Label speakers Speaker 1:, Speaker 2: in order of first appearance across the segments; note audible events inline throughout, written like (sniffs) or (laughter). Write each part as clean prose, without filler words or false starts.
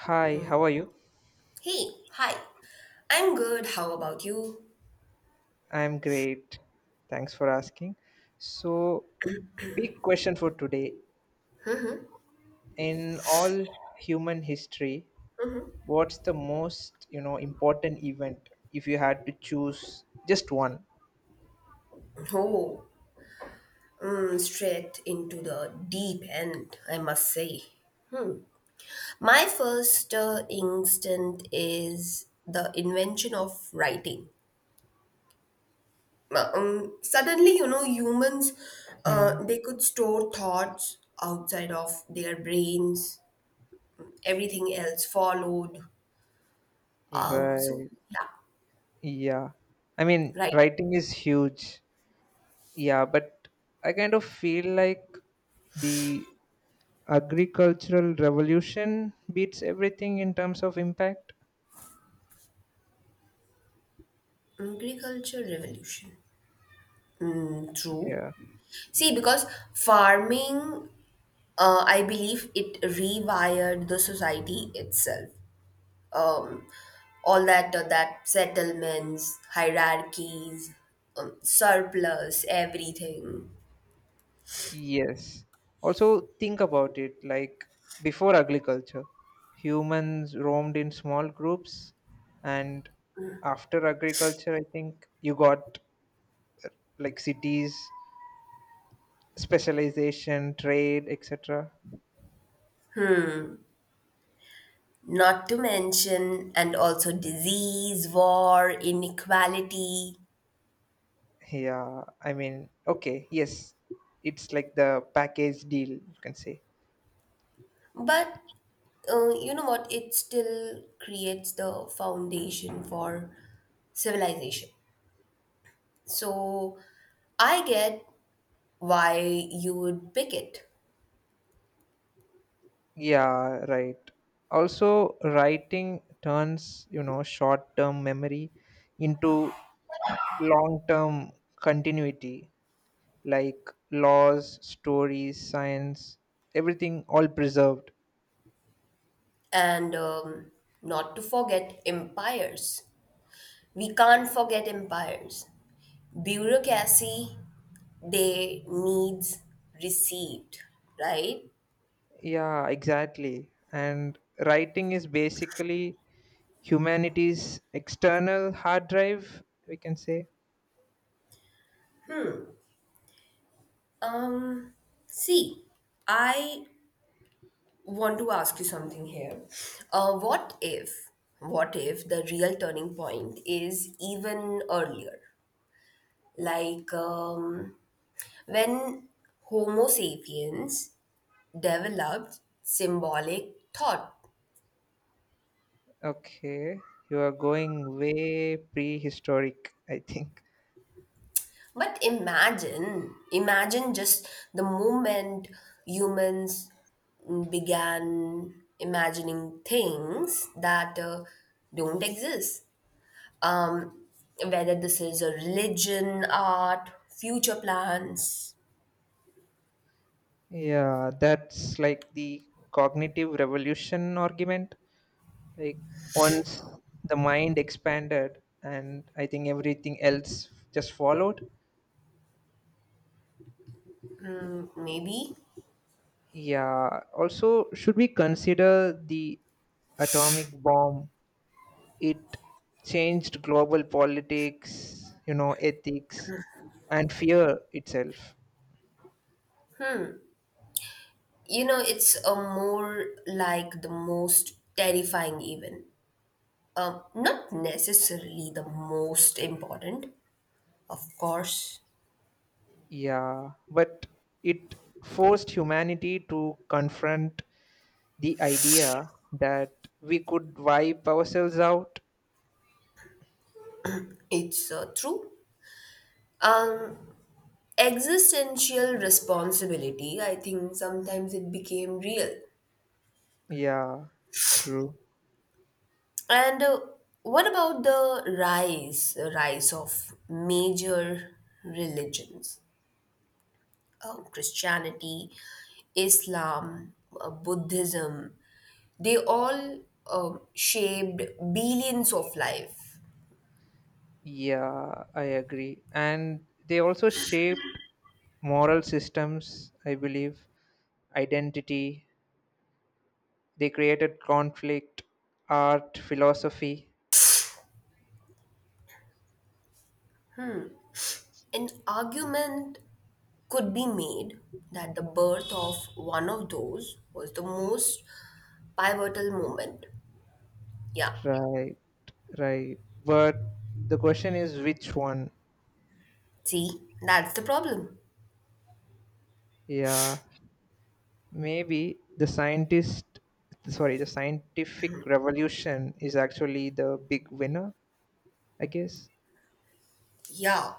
Speaker 1: Hi, how are you?
Speaker 2: Hey, hi. I'm good. How about you?
Speaker 1: I'm great. Thanks for asking. So, big question for today. In all human history, what's the most, important event if you had to choose just one?
Speaker 2: Oh, straight into the deep end, I must say. Hmm. My first instinct is the invention of writing. Suddenly, you know, humans,
Speaker 1: Hmm.
Speaker 2: they could store thoughts outside of their brains. Everything else followed.
Speaker 1: Right.
Speaker 2: Yeah,
Speaker 1: Yeah. I mean,
Speaker 2: writing.
Speaker 1: writing is huge. Yeah, but I kind of feel like the agricultural revolution beats everything in terms of impact.
Speaker 2: Agriculture revolution. Mm, true.
Speaker 1: Yeah.
Speaker 2: See, because farming, I believe it rewired the society itself. Um, all that settlements, hierarchies, surplus, everything.
Speaker 1: Yes. Also, think about it like before agriculture, humans roamed in small groups, and after agriculture, I think you got like cities, specialization, trade, etc.
Speaker 2: Not to mention, and also disease, war, inequality.
Speaker 1: Yeah, I mean, okay, yes, it's like the package deal, you can say.
Speaker 2: But you know what? It still creates the foundation for civilization. So I get why you would pick it.
Speaker 1: Yeah, right. Also, writing turns, short term memory into long term continuity like laws, stories, science, everything all preserved.
Speaker 2: And Not to forget empires. We can't forget empires. Bureaucracy, they needs received, right?
Speaker 1: Yeah, exactly. And writing is basically humanity's external hard drive, we can say.
Speaker 2: Um, See, I want to ask you something here. Uh, what if, what if the real turning point is even earlier? Like when Homo sapiens developed symbolic thought.
Speaker 1: Okay, you are going way prehistoric, I think.
Speaker 2: But imagine just the moment humans began imagining things that don't exist. Um, Whether this is a religion, art, future plans,
Speaker 1: Yeah, that's like the cognitive revolution argument. Like, once the mind expanded, and I think everything else just followed.
Speaker 2: maybe.
Speaker 1: Yeah. Also, should we consider the atomic bomb? It changed global politics, ethics, and fear itself.
Speaker 2: You know, it's a more like the most terrifying event. Not necessarily the most important, of course.
Speaker 1: Yeah. But it forced humanity to confront the idea that we could wipe ourselves out.
Speaker 2: It's true. Um, Existential responsibility, I think sometimes it became real.
Speaker 1: Yeah. True.
Speaker 2: And What about the rise of major religions? Christianity, Islam, Buddhism, they all shaped billions of life.
Speaker 1: Yeah, I agree. And they also shaped moral systems, I believe, identity. They created conflict, art, philosophy.
Speaker 2: An argument could be made that the birth of one of those was the most pivotal moment. Yeah.
Speaker 1: Right, right. But the question is which one?
Speaker 2: See, that's the problem.
Speaker 1: Yeah, maybe the scientist, sorry, the scientific revolution is actually the big winner, I guess.
Speaker 2: Yeah.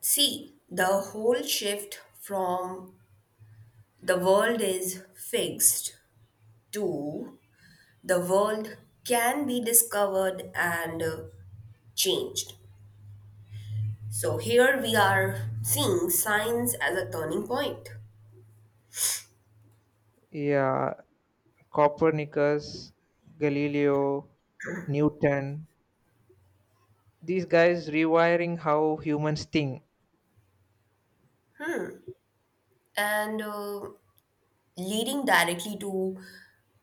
Speaker 2: See, the whole shift from the world is fixed to the world can be discovered and changed. So here we are seeing science as a turning point
Speaker 1: Yeah, Copernicus, Galileo, Newton, these guys rewiring how humans think.
Speaker 2: and leading directly to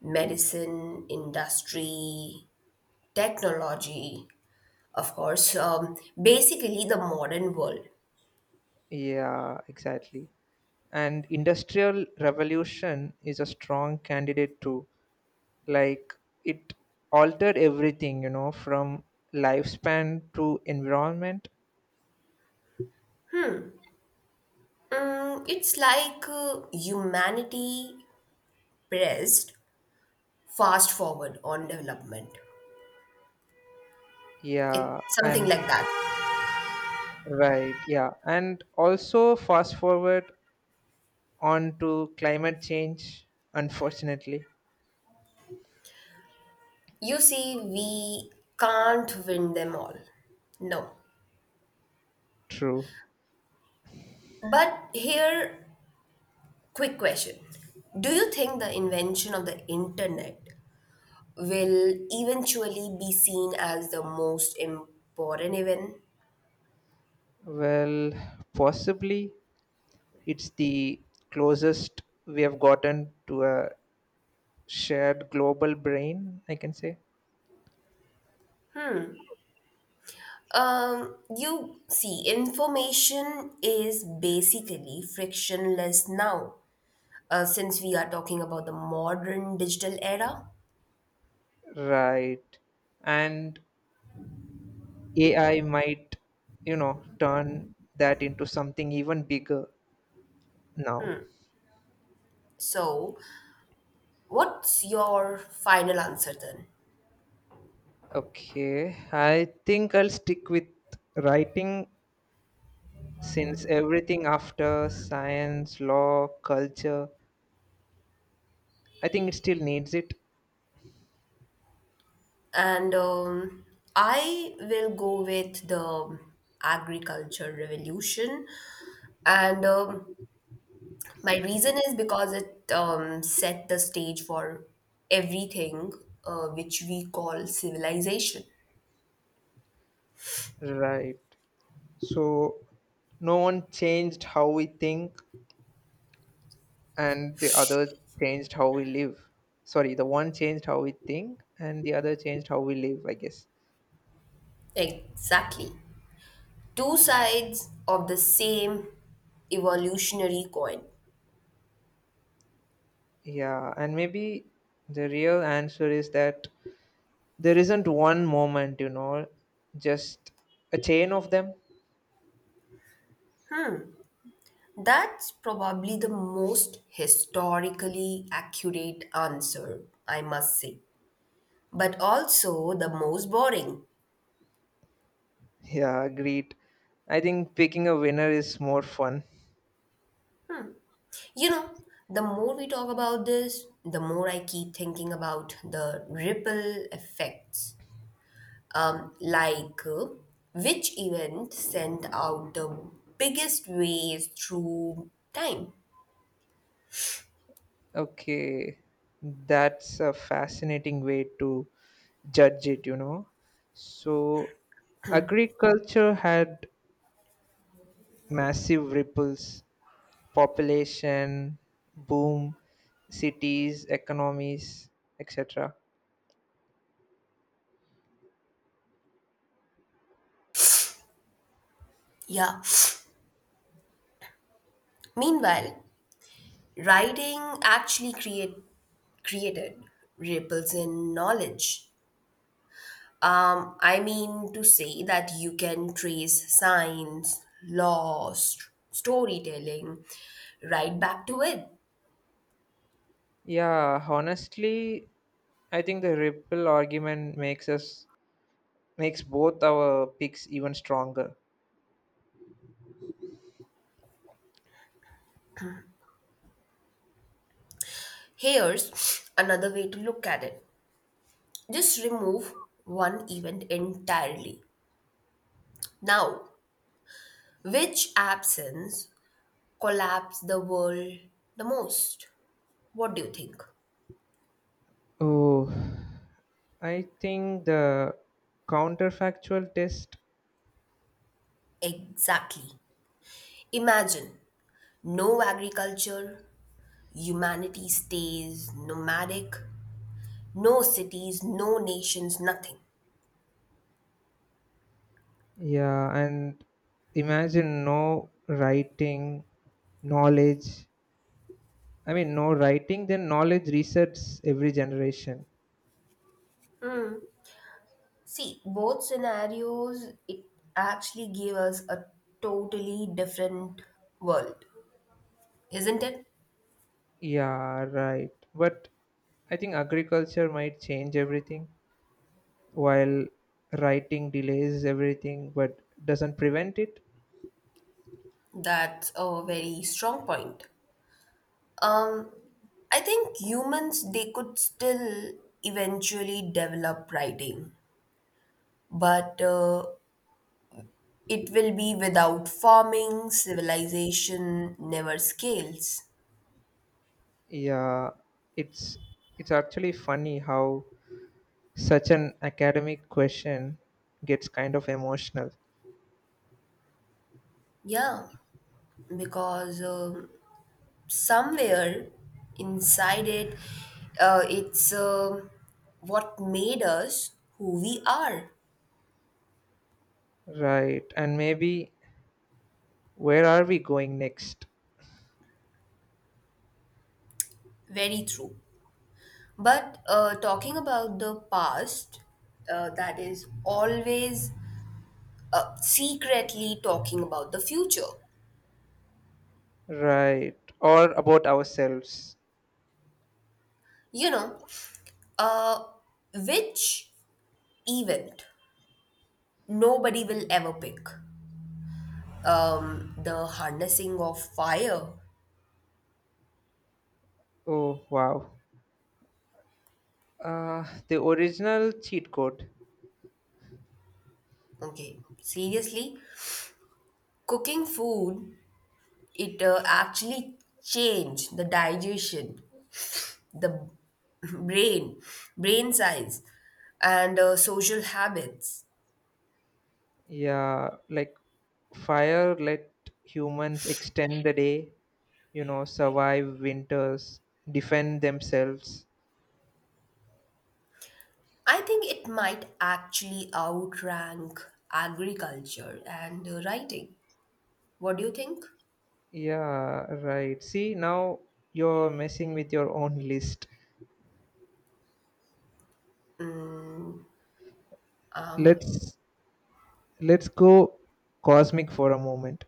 Speaker 2: medicine, industry, technology. Of course, basically the modern world.
Speaker 1: Yeah, exactly. And industrial revolution is a strong candidate too, like it altered everything, you know, from lifespan to environment.
Speaker 2: Mm, it's like humanity pressed fast forward on development. It's
Speaker 1: Yeah.
Speaker 2: something
Speaker 1: And
Speaker 2: like that.
Speaker 1: right, yeah, and also fast forward on to climate change, unfortunately.
Speaker 2: You see, we can't win them all. No.
Speaker 1: True.
Speaker 2: But here, quick question. Do you think the invention of the internet will eventually be seen as the most important event?
Speaker 1: Well, possibly it's the closest we have gotten to a shared global brain, I can say.
Speaker 2: You see, information is basically frictionless now, since we are talking about the modern digital era.
Speaker 1: Right. And AI might, turn that into something even bigger now.
Speaker 2: So, what's your final answer then?
Speaker 1: Okay. I think I'll stick with writing since everything after science, law, culture, I think it still needs it.
Speaker 2: And I will go with the agriculture revolution. And My reason is because it set the stage for everything which we call civilization.
Speaker 1: Right. So no one changed how we think and the other changed how we live. Sorry, the one changed how we think and the other changed how we live, I guess.
Speaker 2: Exactly. Two sides of the same evolutionary coin.
Speaker 1: Yeah, and maybe the real answer is that there isn't one moment, just a chain of them.
Speaker 2: That's probably the most historically accurate answer, I must say, but also the most boring.
Speaker 1: Yeah, agreed. I think picking a winner is more fun.
Speaker 2: You know, the more we talk about this, the more I keep thinking about the ripple effects. Um, like, uh, which event sent out the biggest waves through time?
Speaker 1: Okay, that's a fascinating way to judge it. So, agriculture had massive ripples, population, boom, cities, economies, etc.
Speaker 2: Yeah. (sniffs) Meanwhile, writing actually create created ripples in knowledge. I mean to say that you can trace science, law, storytelling right back to it.
Speaker 1: Yeah, honestly, I think the ripple argument makes both our picks even stronger.
Speaker 2: Here's another way to look at it. Just remove one event entirely. Now, which absence collapsed the world the most? What do you think?
Speaker 1: Oh, I think the counterfactual test.
Speaker 2: Exactly. Imagine no agriculture, humanity stays nomadic. No cities, no nations, nothing.
Speaker 1: Yeah, and imagine no writing, knowledge. I mean, no writing, then knowledge resets every generation.
Speaker 2: See, both scenarios, it actually gave us a totally different world. Isn't it?
Speaker 1: Yeah, right. But I think agriculture might change everything while writing delays everything but doesn't prevent it.
Speaker 2: That's a very strong point. Um, I think humans, they could still eventually develop writing, but it will be without farming, civilization never scales.
Speaker 1: Yeah, it's it's actually funny how such an academic question gets kind of emotional.
Speaker 2: Yeah. Because somewhere inside it, it's what made us who we are.
Speaker 1: Right. And maybe where are we going next?
Speaker 2: Very true. But talking about the past, that is always secretly talking about the future.
Speaker 1: Right. Or about ourselves.
Speaker 2: You know, uh, which event nobody will ever pick? The harnessing of fire.
Speaker 1: Oh, wow. The original cheat code.
Speaker 2: Okay, seriously, cooking food, it actually change the digestion, the (laughs) brain brain size and social habits.
Speaker 1: Yeah, like fire let humans extend the day, survive winters, defend themselves.
Speaker 2: I think it might actually outrank agriculture and writing. What do you think?
Speaker 1: Yeah, right. See, now you're messing with your own list. Let's let's go cosmic for a moment.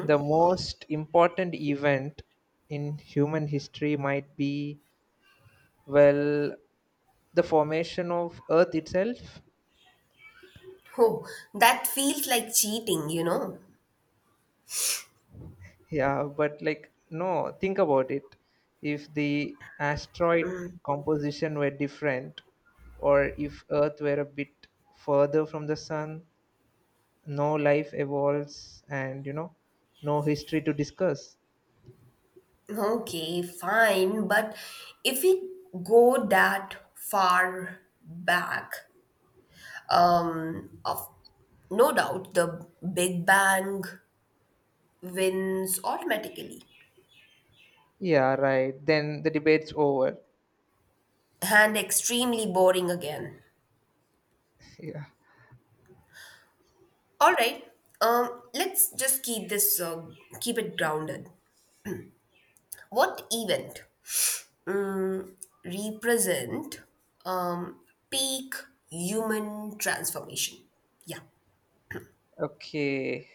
Speaker 1: The most important event in human history might be, well, the formation of Earth itself.
Speaker 2: Oh, that feels like cheating, you know.
Speaker 1: Yeah, but like no, think about it. If the asteroid composition were different, or if Earth were a bit further from the sun, no life evolves, and no history to discuss.
Speaker 2: Okay, fine, but if we go that far back, of no doubt the big bang wins automatically.
Speaker 1: Yeah, right, then the debate's over.
Speaker 2: And extremely boring again.
Speaker 1: (laughs) Yeah.
Speaker 2: All right, let's just keep it grounded. What event, um, represent, um, peak human transformation? Yeah,
Speaker 1: Okay.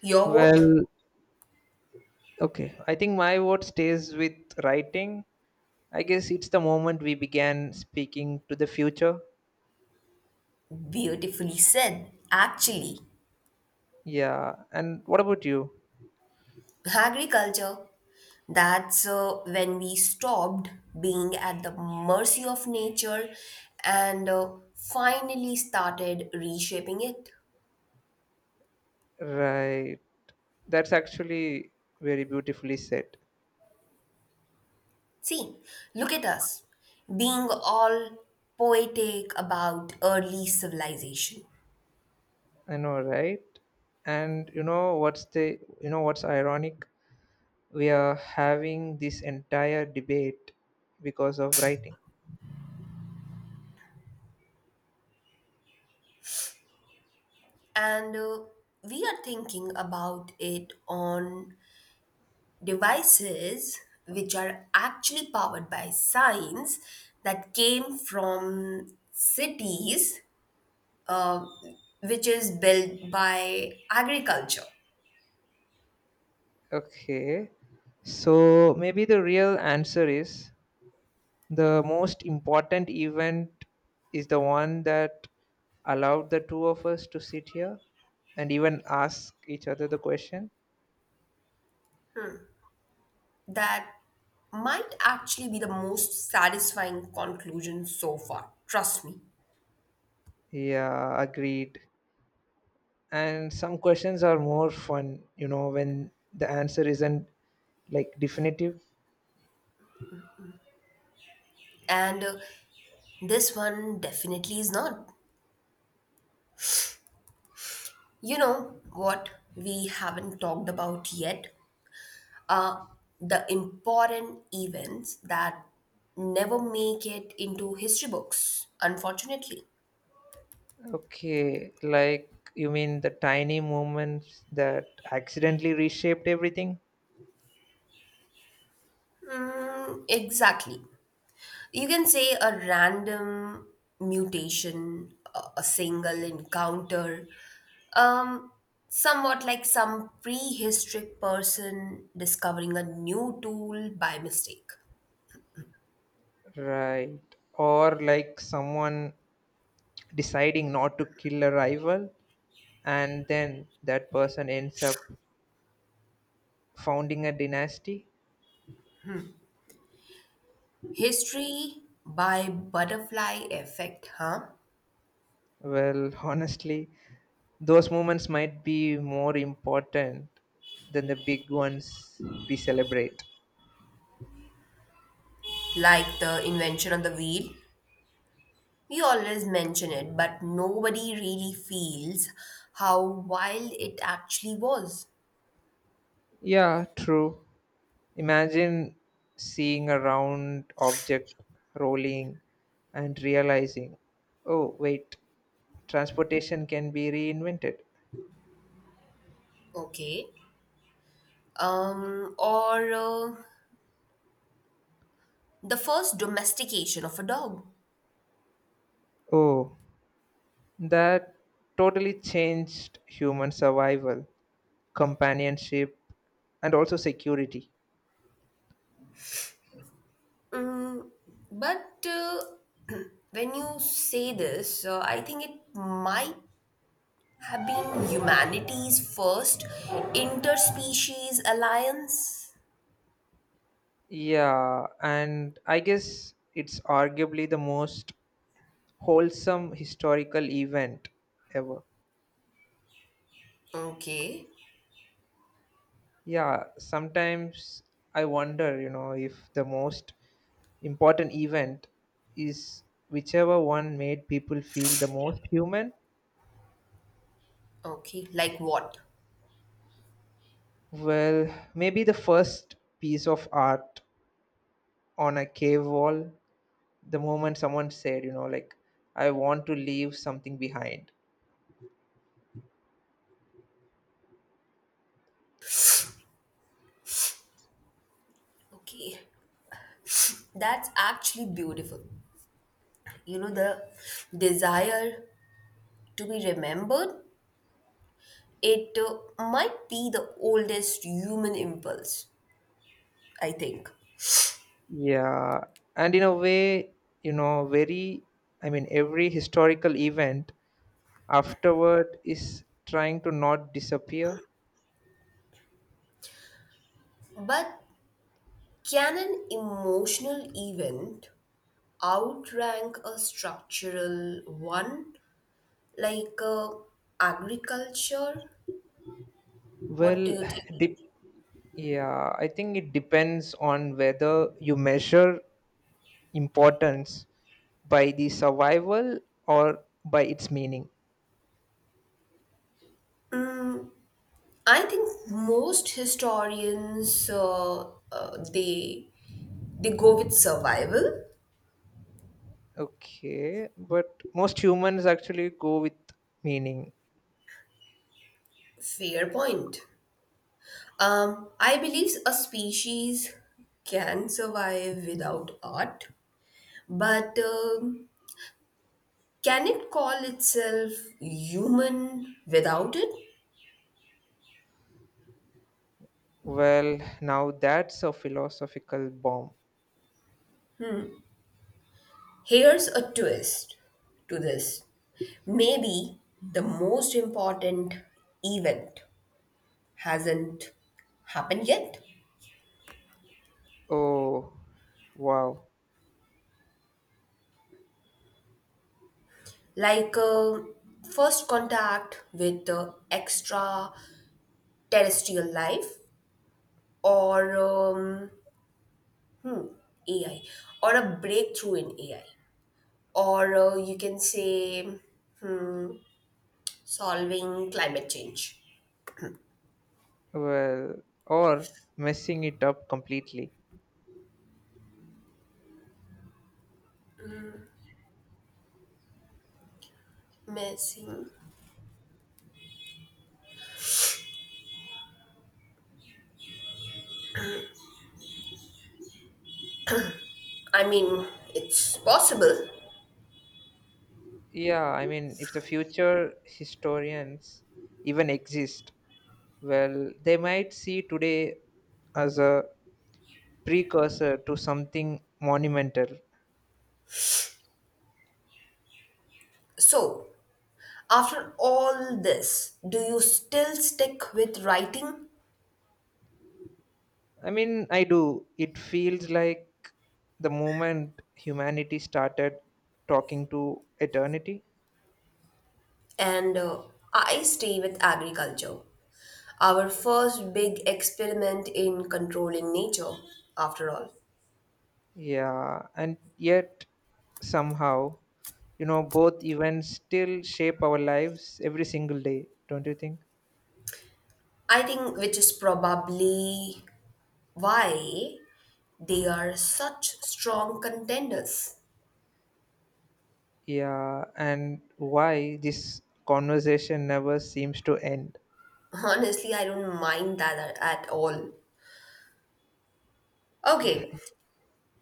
Speaker 2: your vote.
Speaker 1: Well, okay, I think my vote stays with writing. I guess it's the moment we began speaking to the future.
Speaker 2: Beautifully said. Actually,
Speaker 1: Yeah, and what about you?
Speaker 2: agriculture. That's when we stopped being at the mercy of nature and finally started reshaping it.
Speaker 1: Right, that's actually very beautifully said.
Speaker 2: See, look at us being all poetic about early civilization.
Speaker 1: I know, right? And you know what's ironic, we are having this entire debate because of writing.
Speaker 2: And We are thinking about it on devices which are actually powered by science that came from cities, uh, which is built by agriculture.
Speaker 1: Okay, so maybe the real answer is the most important event is the one that allowed the two of us to sit here and even ask each other the question.
Speaker 2: That might actually be the most satisfying conclusion so far, trust me.
Speaker 1: Yeah, agreed. And some questions are more fun, when the answer isn't like definitive.
Speaker 2: And This one definitely is not. You know what we haven't talked about yet? Uh, the important events that never make it into history books, unfortunately.
Speaker 1: Okay, like you mean the tiny moments that accidentally reshaped everything?
Speaker 2: Mm, exactly. You can say a random mutation, a single encounter, um somewhat like some prehistoric person discovering a new tool by mistake.
Speaker 1: Right. Or like someone deciding not to kill a rival and then that person ends up founding a dynasty?
Speaker 2: History by butterfly effect, huh?
Speaker 1: Well, (laughs) honestly, those moments might be more important than the big ones we celebrate.
Speaker 2: Like the invention of the wheel, we always mention it, but nobody really feels how wild it actually was.
Speaker 1: Yeah, true. Imagine seeing a round object rolling and realizing, oh, wait, transportation can be reinvented.
Speaker 2: Okay, um or the first domestication of a dog.
Speaker 1: Oh, that totally changed human survival, companionship, and also security.
Speaker 2: Mm, but when you say this, I think it might have been humanity's first interspecies alliance.
Speaker 1: Yeah, and I guess it's arguably the most wholesome historical event ever.
Speaker 2: Okay,
Speaker 1: Yeah, sometimes I wonder, if the most important event is whichever one made people feel the most human.
Speaker 2: okay, like what?
Speaker 1: Well, maybe the first piece of art on a cave wall, the moment someone said, I want to leave something behind.
Speaker 2: Okay, that's actually beautiful. You know, the desire to be remembered, it might be the oldest human impulse, I think.
Speaker 1: Yeah, and in a way, you know, very, I mean, every historical event afterward is trying to not disappear.
Speaker 2: But can an emotional event outrank a structural one like agriculture? What do
Speaker 1: Well,
Speaker 2: you think?
Speaker 1: (sighs) dip. Yeah, I think it depends on whether you measure importance by the survival or by its meaning.
Speaker 2: I think most historians they go with survival.
Speaker 1: Okay, but most humans actually go with meaning.
Speaker 2: Fair point. I believe a species can survive without art, but can it call itself human without it?
Speaker 1: Well, now that's a philosophical bomb.
Speaker 2: Here's a twist to this. Maybe the most important event hasn't happened yet.
Speaker 1: Oh, wow.
Speaker 2: Like first contact with extraterrestrial life or hmm, AI, or a breakthrough in AI, or you can say, hmm, solving climate change.
Speaker 1: Well, or messing it up completely.
Speaker 2: Missing. I mean, it's possible.
Speaker 1: Yeah, I mean, if the future historians even exist, well, they might see today as a precursor to something monumental.
Speaker 2: So, after all this, do you still stick with writing?
Speaker 1: I mean, I do. It feels like the moment humanity started talking to eternity.
Speaker 2: And I stay with agriculture, our first big experiment in controlling nature, after all.
Speaker 1: Yeah, and yet somehow, both events still shape our lives every single day, don't you think?
Speaker 2: I think which is probably why they are such strong contenders.
Speaker 1: Yeah, and why this conversation never seems to end.
Speaker 2: (laughs) Honestly, I don't mind at all. Okay,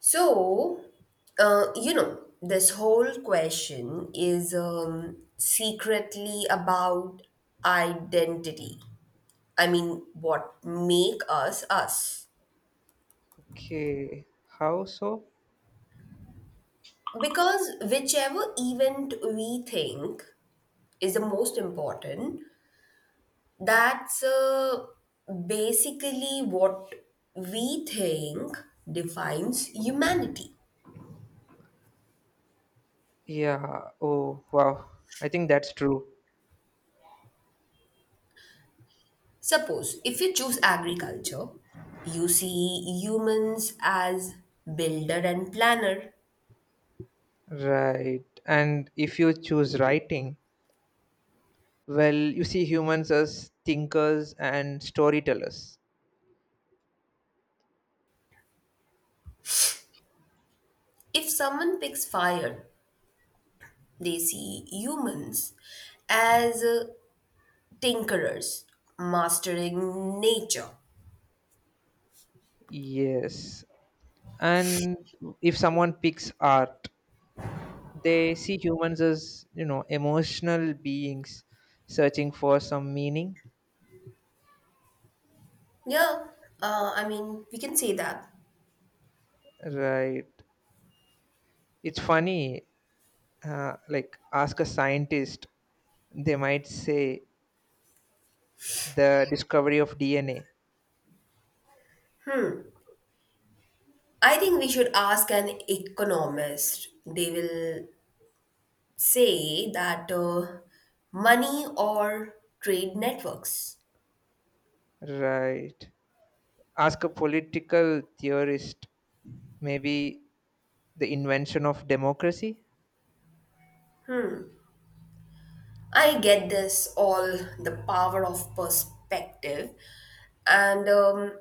Speaker 2: so, you know, this whole question is secretly about identity. I mean, what make us us?
Speaker 1: Okay, how so?
Speaker 2: Because whichever event we think is the most important, that's basically what we think defines humanity.
Speaker 1: Yeah. Oh, wow. I think that's true.
Speaker 2: Suppose if you choose agriculture, you see humans as builder and planner.
Speaker 1: Right. And if you choose writing, well, you see humans as thinkers and storytellers.
Speaker 2: If someone picks fire, they see humans as tinkerers, mastering nature.
Speaker 1: Yes. And if someone picks art, they see humans as, emotional beings searching for some meaning.
Speaker 2: Yeah, I mean, we can say that.
Speaker 1: Right. It's funny. Like, ask a scientist, they might say the discovery of DNA.
Speaker 2: I think we should ask an economist. They will say that money or trade networks.
Speaker 1: Right. Ask a political theorist, maybe the invention of democracy.
Speaker 2: I get this all, the power of perspective. And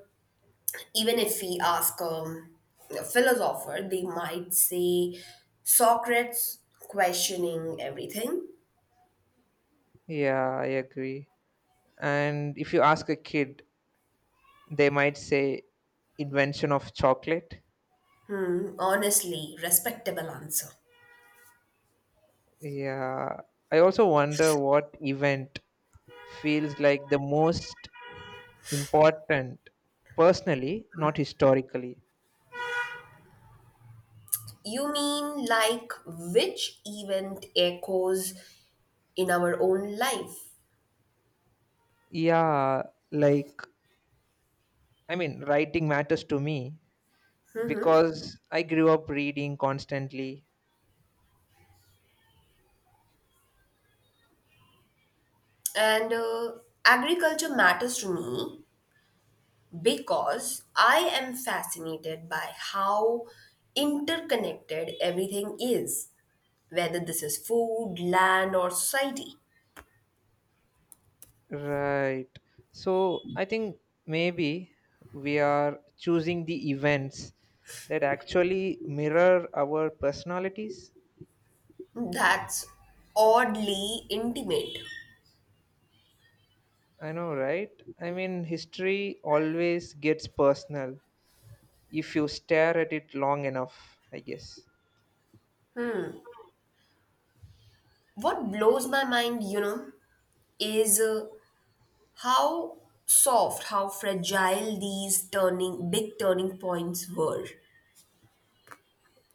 Speaker 2: Even if we ask, a philosopher, they might say Socrates questioning everything.
Speaker 1: Yeah, I agree. And if you ask a kid, they might say invention of chocolate.
Speaker 2: Honestly, respectable answer.
Speaker 1: Yeah, I also wonder what event feels like the most important personally, not historically.
Speaker 2: You mean like which event echoes in our own life?
Speaker 1: Yeah, like, I mean, writing matters to me because I grew up reading constantly.
Speaker 2: And Agriculture matters to me because I am fascinated by how interconnected everything is, whether this is food, land, or society.
Speaker 1: Right. So I think maybe we are choosing the events that actually mirror our personalities.
Speaker 2: That's oddly intimate.
Speaker 1: I know, right? I mean, history always gets personal if you stare at it long enough, I guess.
Speaker 2: What blows my mind, you know, is how soft, how fragile these turning big turning points were.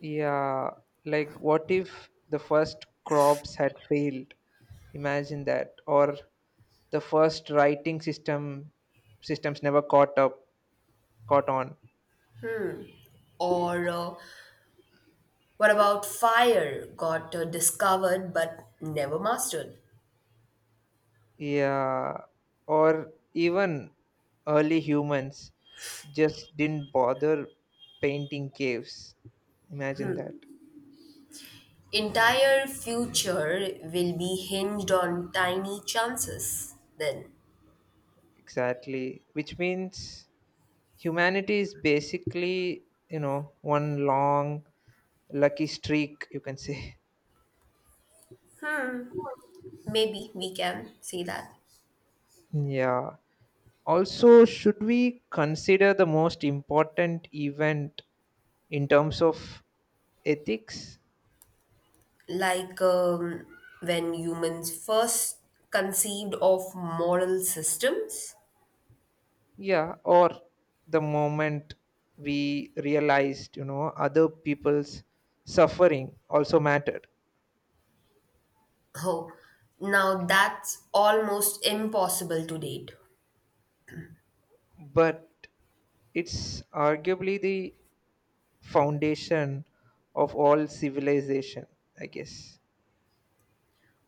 Speaker 1: Yeah, like what if the first crops had failed? Imagine that. Or the first writing system systems never caught on.
Speaker 2: Or what about fire? Got discovered but never mastered.
Speaker 1: Yeah, or even early humans just didn't bother painting caves. Imagine that.
Speaker 2: Entire future will be hinged on tiny chances, then.
Speaker 1: Exactly. Which means humanity is basically, one long lucky streak, you can say. (laughs)
Speaker 2: Maybe we can say that.
Speaker 1: Yeah. Also, should we consider the most important event in terms of ethics?
Speaker 2: Like when humans first conceived of moral systems.
Speaker 1: Yeah, or the moment we realized, other people's suffering also mattered.
Speaker 2: Oh, now that's almost impossible to date.
Speaker 1: But it's arguably the foundation of all civilization, I guess.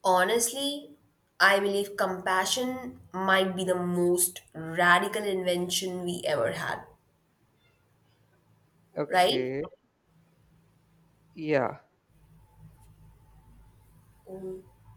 Speaker 2: Honestly, I believe compassion might be the most radical invention we ever had. Right.
Speaker 1: Okay, yeah.
Speaker 2: Okay.